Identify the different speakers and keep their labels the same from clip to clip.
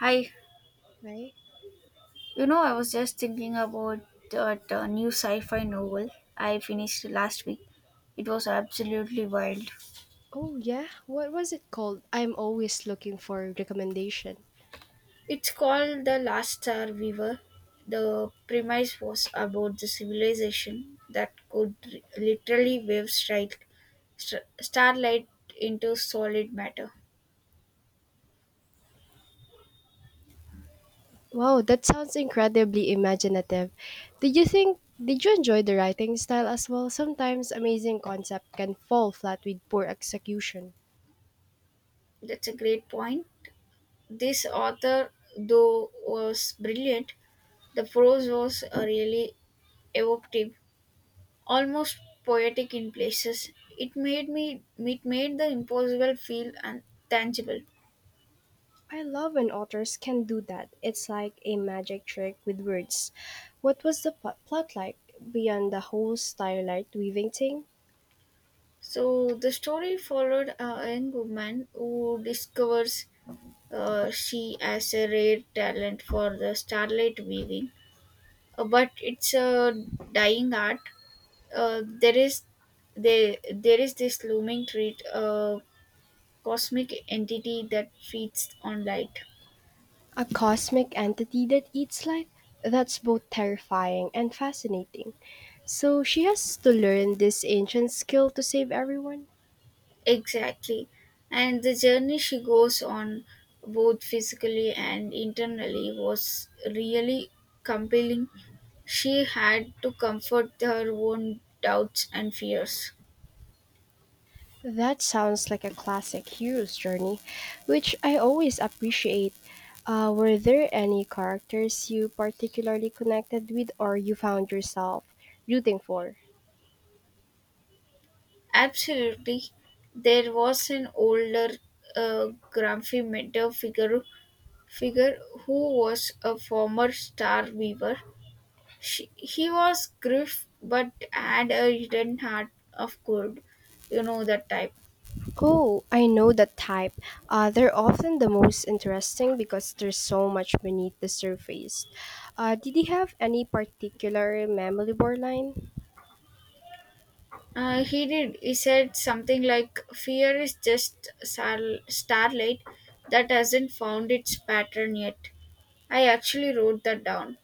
Speaker 1: Hi,
Speaker 2: Right?
Speaker 1: you know, I was just thinking about that new sci fi novel I finished last week. It was absolutely wild.
Speaker 2: Oh yeah, what was it called? I'm always looking for recommendation.
Speaker 1: It's called The Last Star Weaver. The premise was about the civilization that literally wave strike starlight into solid matter.
Speaker 2: Wow, that sounds incredibly imaginative. Did you enjoy the writing style as well? Sometimes amazing concept can fall flat with poor execution.
Speaker 1: That's a great point. This author, though, was brilliant. The prose was really evocative almost poetic in places. It made me it made the impossible feel tangible.
Speaker 2: I love when authors can do that. It's like a magic trick with words. What was the plot like beyond the whole starlight weaving thing?
Speaker 1: So the story followed a young woman who discovers she has a rare talent for the starlight weaving. But it's a dying art. Uh, there is there is this looming threat, a cosmic entity that feeds on light.
Speaker 2: A cosmic entity that eats life? That's both terrifying and fascinating. So she has to learn this ancient skill to save everyone?
Speaker 1: Exactly. And the journey she goes on, both physically and internally, was really compelling. She had to comfort her own doubts and fears.
Speaker 2: That sounds like a classic hero's journey, which I always appreciate. Were there any characters you particularly connected with or you found yourself rooting for?
Speaker 1: Absolutely. There was an older, grumpy mentor figure, who was a former star weaver. He was gruff but had a hidden heart of gold. You know that type.
Speaker 2: Oh, I know that type. They're often the most interesting because there's so much beneath the surface. Did he have any particular memorable line?
Speaker 1: He did. He said something like, fear is just starlight that hasn't found its pattern yet. I actually wrote that down.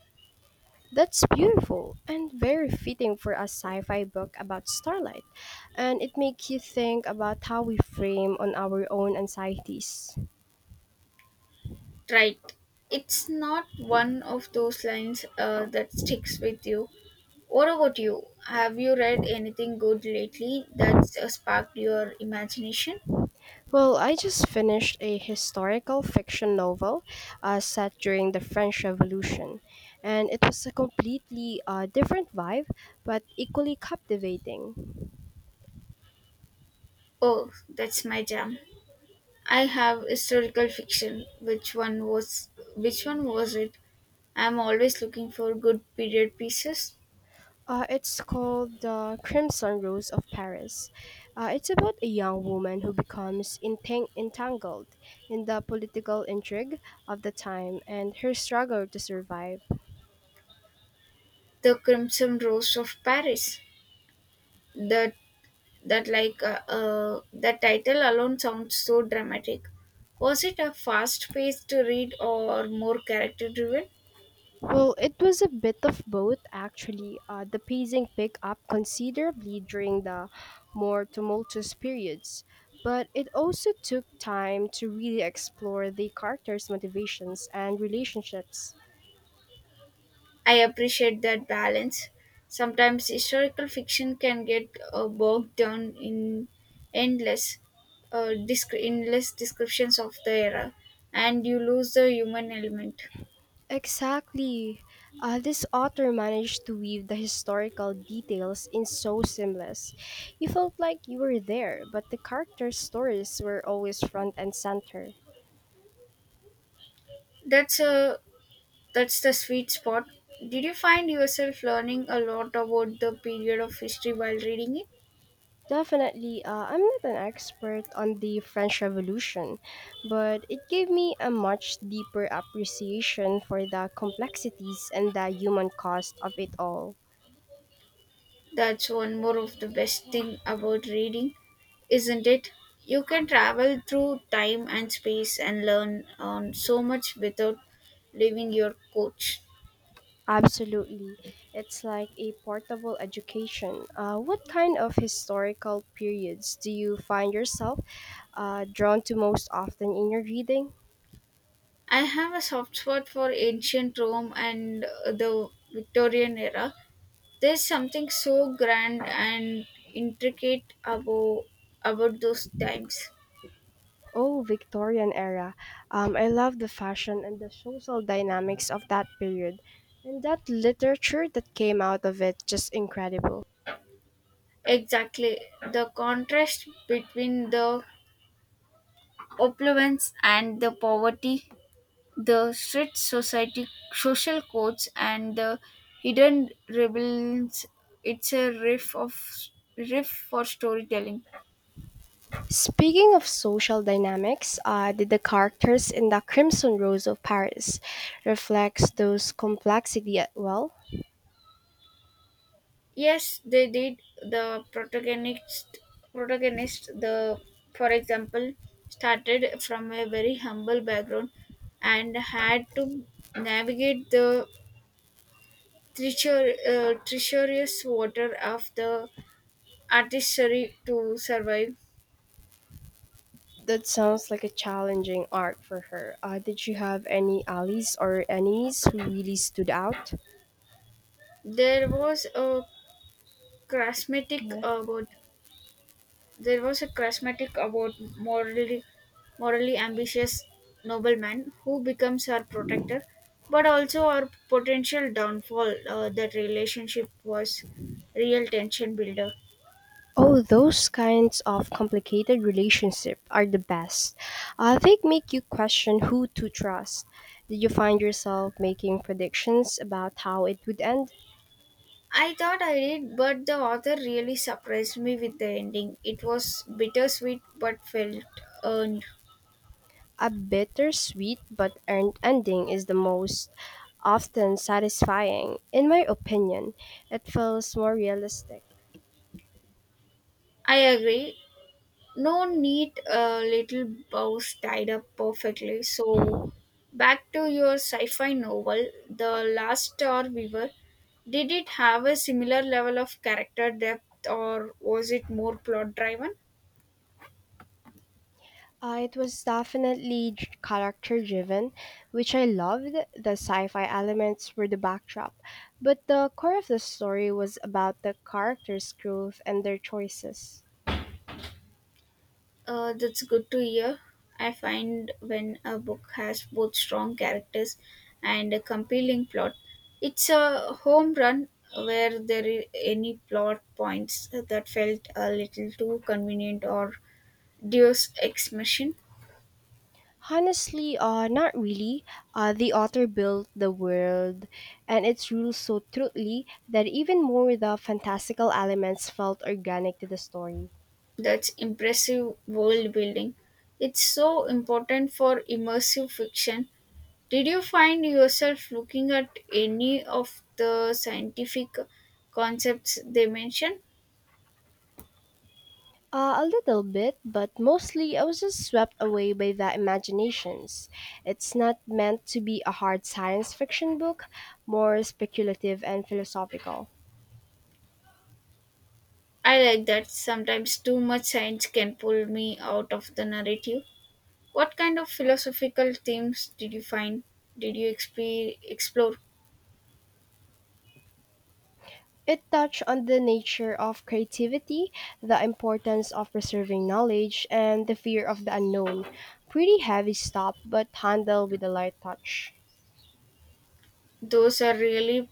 Speaker 2: That's beautiful and very fitting for a sci fi book about starlight, and it makes you think about how we frame on our own anxieties.
Speaker 1: Right. It's not one of those lines that sticks with you. What about you? Have you read anything good lately that's sparked your imagination?
Speaker 2: Well, I just finished a historical fiction novel set during the French Revolution, and it was a completely different vibe, but equally captivating.
Speaker 1: Oh, that's my jam. I have historical fiction. Which one was it? I'm always looking for good period pieces.
Speaker 2: It's called The Crimson Rose of Paris. It's about a young woman who becomes entangled in the political intrigue of the time and her struggle to survive.
Speaker 1: The Crimson Rose of Paris. That that, the title alone sounds so dramatic. Was it a fast-paced read or more character-driven?
Speaker 2: Well, it was a bit of both, actually. The pacing picked up considerably during the more tumultuous periods, but it also took time to really explore the characters' motivations and relationships.
Speaker 1: I appreciate that balance. Sometimes historical fiction can get bogged down in endless, endless descriptions of the era, and you lose the human element.
Speaker 2: Exactly. This author managed to weave the historical details in so seamless. You felt like you were there, but the characters' stories were always front and center.
Speaker 1: That's a That's the sweet spot. Did you find yourself learning a lot about the period of history while reading it?
Speaker 2: Definitely, I'm not an expert on the French Revolution, but it gave me a much deeper appreciation for the complexities and the human cost of it all.
Speaker 1: That's one more of the best thing about reading, isn't it? You can travel through time and space and learn so much without leaving your couch.
Speaker 2: Absolutely. It's like a portable education. What kind of historical periods do you find yourself drawn to most often in your reading?
Speaker 1: I have a soft spot for ancient Rome and the Victorian era. There's something so grand and intricate about those times.
Speaker 2: Oh, Victorian era. I love the fashion and the social dynamics of that period. And that literature that came out of it, just incredible.
Speaker 1: Exactly. The contrast between the opulence and the poverty, the strict society social codes and the hidden rebellions, it's a riff for storytelling.
Speaker 2: Speaking of social dynamics, did the characters in the Crimson Rose of Paris reflects those complexity at well?
Speaker 1: Yes, they did. The protagonist protagonist the for example, started from a very humble background and had to navigate the treacherous water of the artistry to survive.
Speaker 2: That sounds like a challenging arc for her. Did she have any allies or enemies who really stood out?
Speaker 1: There was a charismatic about there was a charismatic about morally ambitious nobleman who becomes her protector, but also our potential downfall. That relationship was real tension builder.
Speaker 2: Oh, those kinds of complicated relationships are the best. They make you question who to trust. Did you find yourself making predictions about how it would end?
Speaker 1: I thought I did, but the author really surprised me with the ending. It was bittersweet but felt earned.
Speaker 2: A bittersweet but earned ending is the most often satisfying, in my opinion. It feels more realistic.
Speaker 1: I agree. No neat little bows tied up perfectly. So, back to your sci fi novel, The Last Star Weaver. Did it have a similar level of character depth or was it more plot driven?
Speaker 2: It was definitely character driven, which I loved. The sci fi elements were the backdrop, but the core of the story was about the characters' growth and their choices.
Speaker 1: That's good to hear. I find when a book has both strong characters and a compelling plot, it's a home run where there are any plot points that felt a little too convenient or Deus Ex Machine.
Speaker 2: Honestly, not really. The author built the world and its rules so truly that even more the fantastical elements felt organic to the story.
Speaker 1: That's impressive world building. It's so important for immersive fiction. Did you find yourself looking at any of the scientific concepts they mention?
Speaker 2: A little bit, but mostly I was just swept away by the imaginations. It's not meant to be a hard science fiction book, more speculative and philosophical.
Speaker 1: I like that sometimes too much science can pull me out of the narrative. What kind of philosophical themes did you find? Did you explore?
Speaker 2: It touched on the nature of creativity, the importance of preserving knowledge, and the fear of the unknown. Pretty heavy stuff, but handled with a light touch.
Speaker 1: Those are really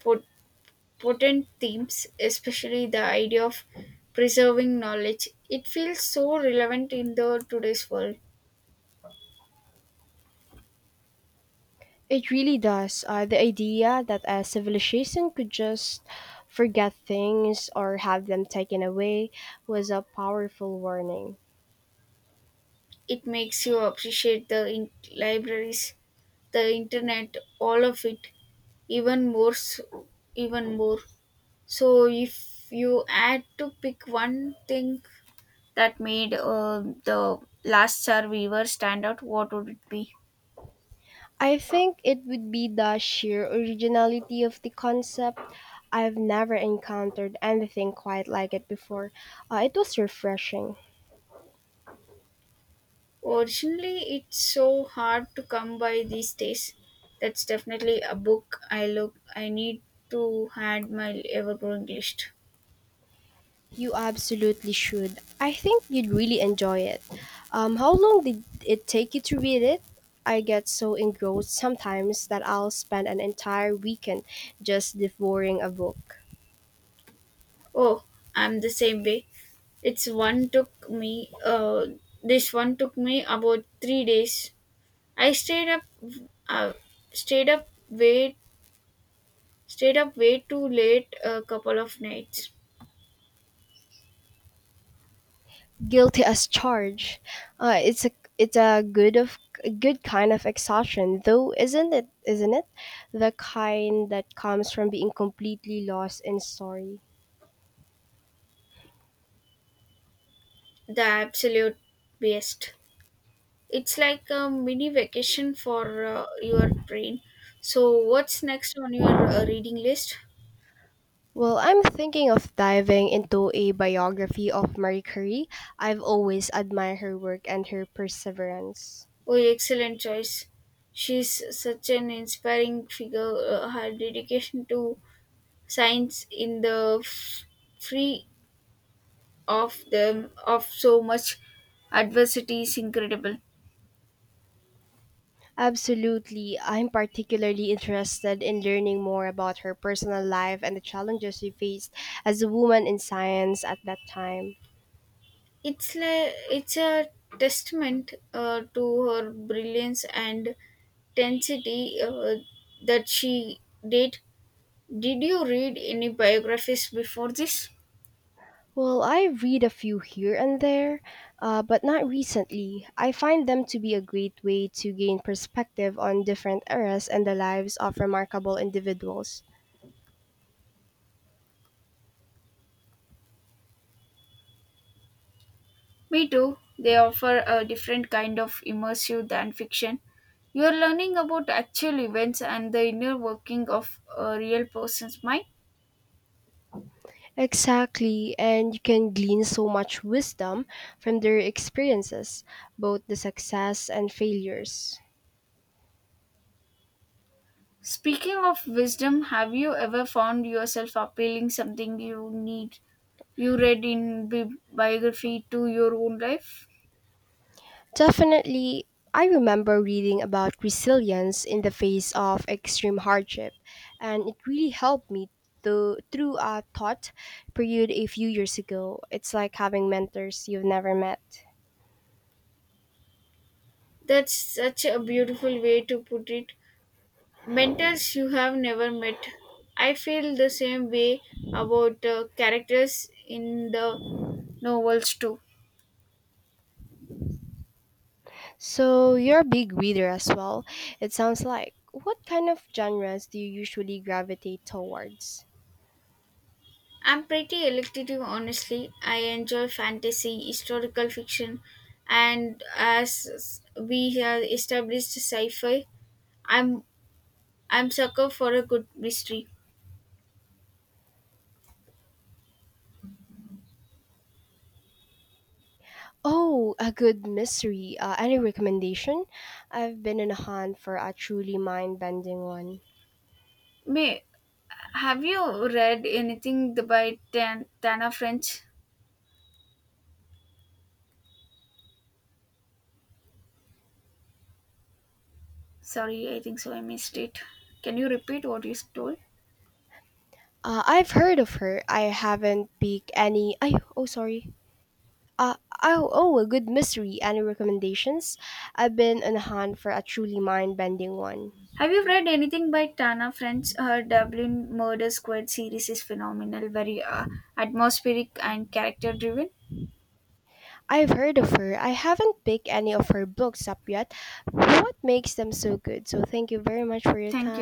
Speaker 1: put potent themes, especially the idea of preserving knowledge. It feels so relevant in the today's world.
Speaker 2: It really does. The idea that a civilization could just forget things or have them taken away was a powerful warning.
Speaker 1: It makes you appreciate the libraries, the internet, all of it, even even more. So, if you had to pick one thing that made the last survivor stand out, what would it be?
Speaker 2: I think it would be the sheer originality of the concept. I've never encountered anything quite like it before. It was refreshing.
Speaker 1: Originally, it's so hard to come by these days. That's definitely a book I need to add my ever-growing list.
Speaker 2: You absolutely should. I think you'd really enjoy it. How long did it take you to read it? I get so engrossed sometimes that I'll spend an entire weekend just devouring a book.
Speaker 1: Oh, I'm the same way. It's one took me This one took me about three days. I uh, stayed up way stayed up way too late a couple of nights.
Speaker 2: Guilty as charged. Uh, it's a it's a good kind of exhaustion, though, isn't it? Isn't it? The kind that comes from being completely lost in story.
Speaker 1: The absolute best. It's like a mini vacation for your brain. So, what's next on your reading list?
Speaker 2: Well, I'm thinking of diving into a biography of Marie Curie. I've always admired her work and her perseverance.
Speaker 1: Oh, excellent choice. She's such an inspiring figure. Her dedication to science in the free of them of so much adversity is incredible.
Speaker 2: Absolutely. I'm particularly interested in learning more about her personal life and the challenges she faced as a woman in science at that time.
Speaker 1: It's a testament to her brilliance and intensity that she did. Did you read any biographies before this?
Speaker 2: Well, I read a few here and there, but not recently. I find them to be a great way to gain perspective on different eras and the lives of remarkable individuals.
Speaker 1: Me too. They offer a different kind of immersive than fiction. You are learning about actual events and the inner working of a real person's mind.
Speaker 2: Exactly, and you can glean so much wisdom from their experiences, both the success and failures.
Speaker 1: Speaking of wisdom, have you ever found yourself appealing something you read in biography to your own life?
Speaker 2: Definitely, I remember reading about resilience in the face of extreme hardship, and it really helped me to, through a thought period a few years ago. It's like having mentors you've never met.
Speaker 1: That's such a beautiful way to put it. Mentors you have never met. I feel the same way about characters in the novels too.
Speaker 2: So, you're a big reader as well, it sounds like. What kind of genres do you usually gravitate towards?
Speaker 1: I'm pretty elective, honestly. I enjoy fantasy, historical fiction, and as we have established sci-fi, I'm I'm sucker for a good mystery.
Speaker 2: Oh, a good mystery. Any recommendation? I've been in a hunt for a truly mind-bending one.
Speaker 1: May have you read anything by Tana French? Sorry, I think so. I missed it. Can you repeat what you told?
Speaker 2: I've heard of her. I haven't picked any. I oh sorry. Uh, oh, a good mystery. Any recommendations? I've been on a hunt for a truly mind-bending one.
Speaker 1: Have you read anything by Tana French? Her Dublin Murder Squad series is phenomenal, very atmospheric and character driven.
Speaker 2: I've heard of her. I haven't picked any of her books up yet. What makes them so good? So thank you very much for your
Speaker 1: Thank you.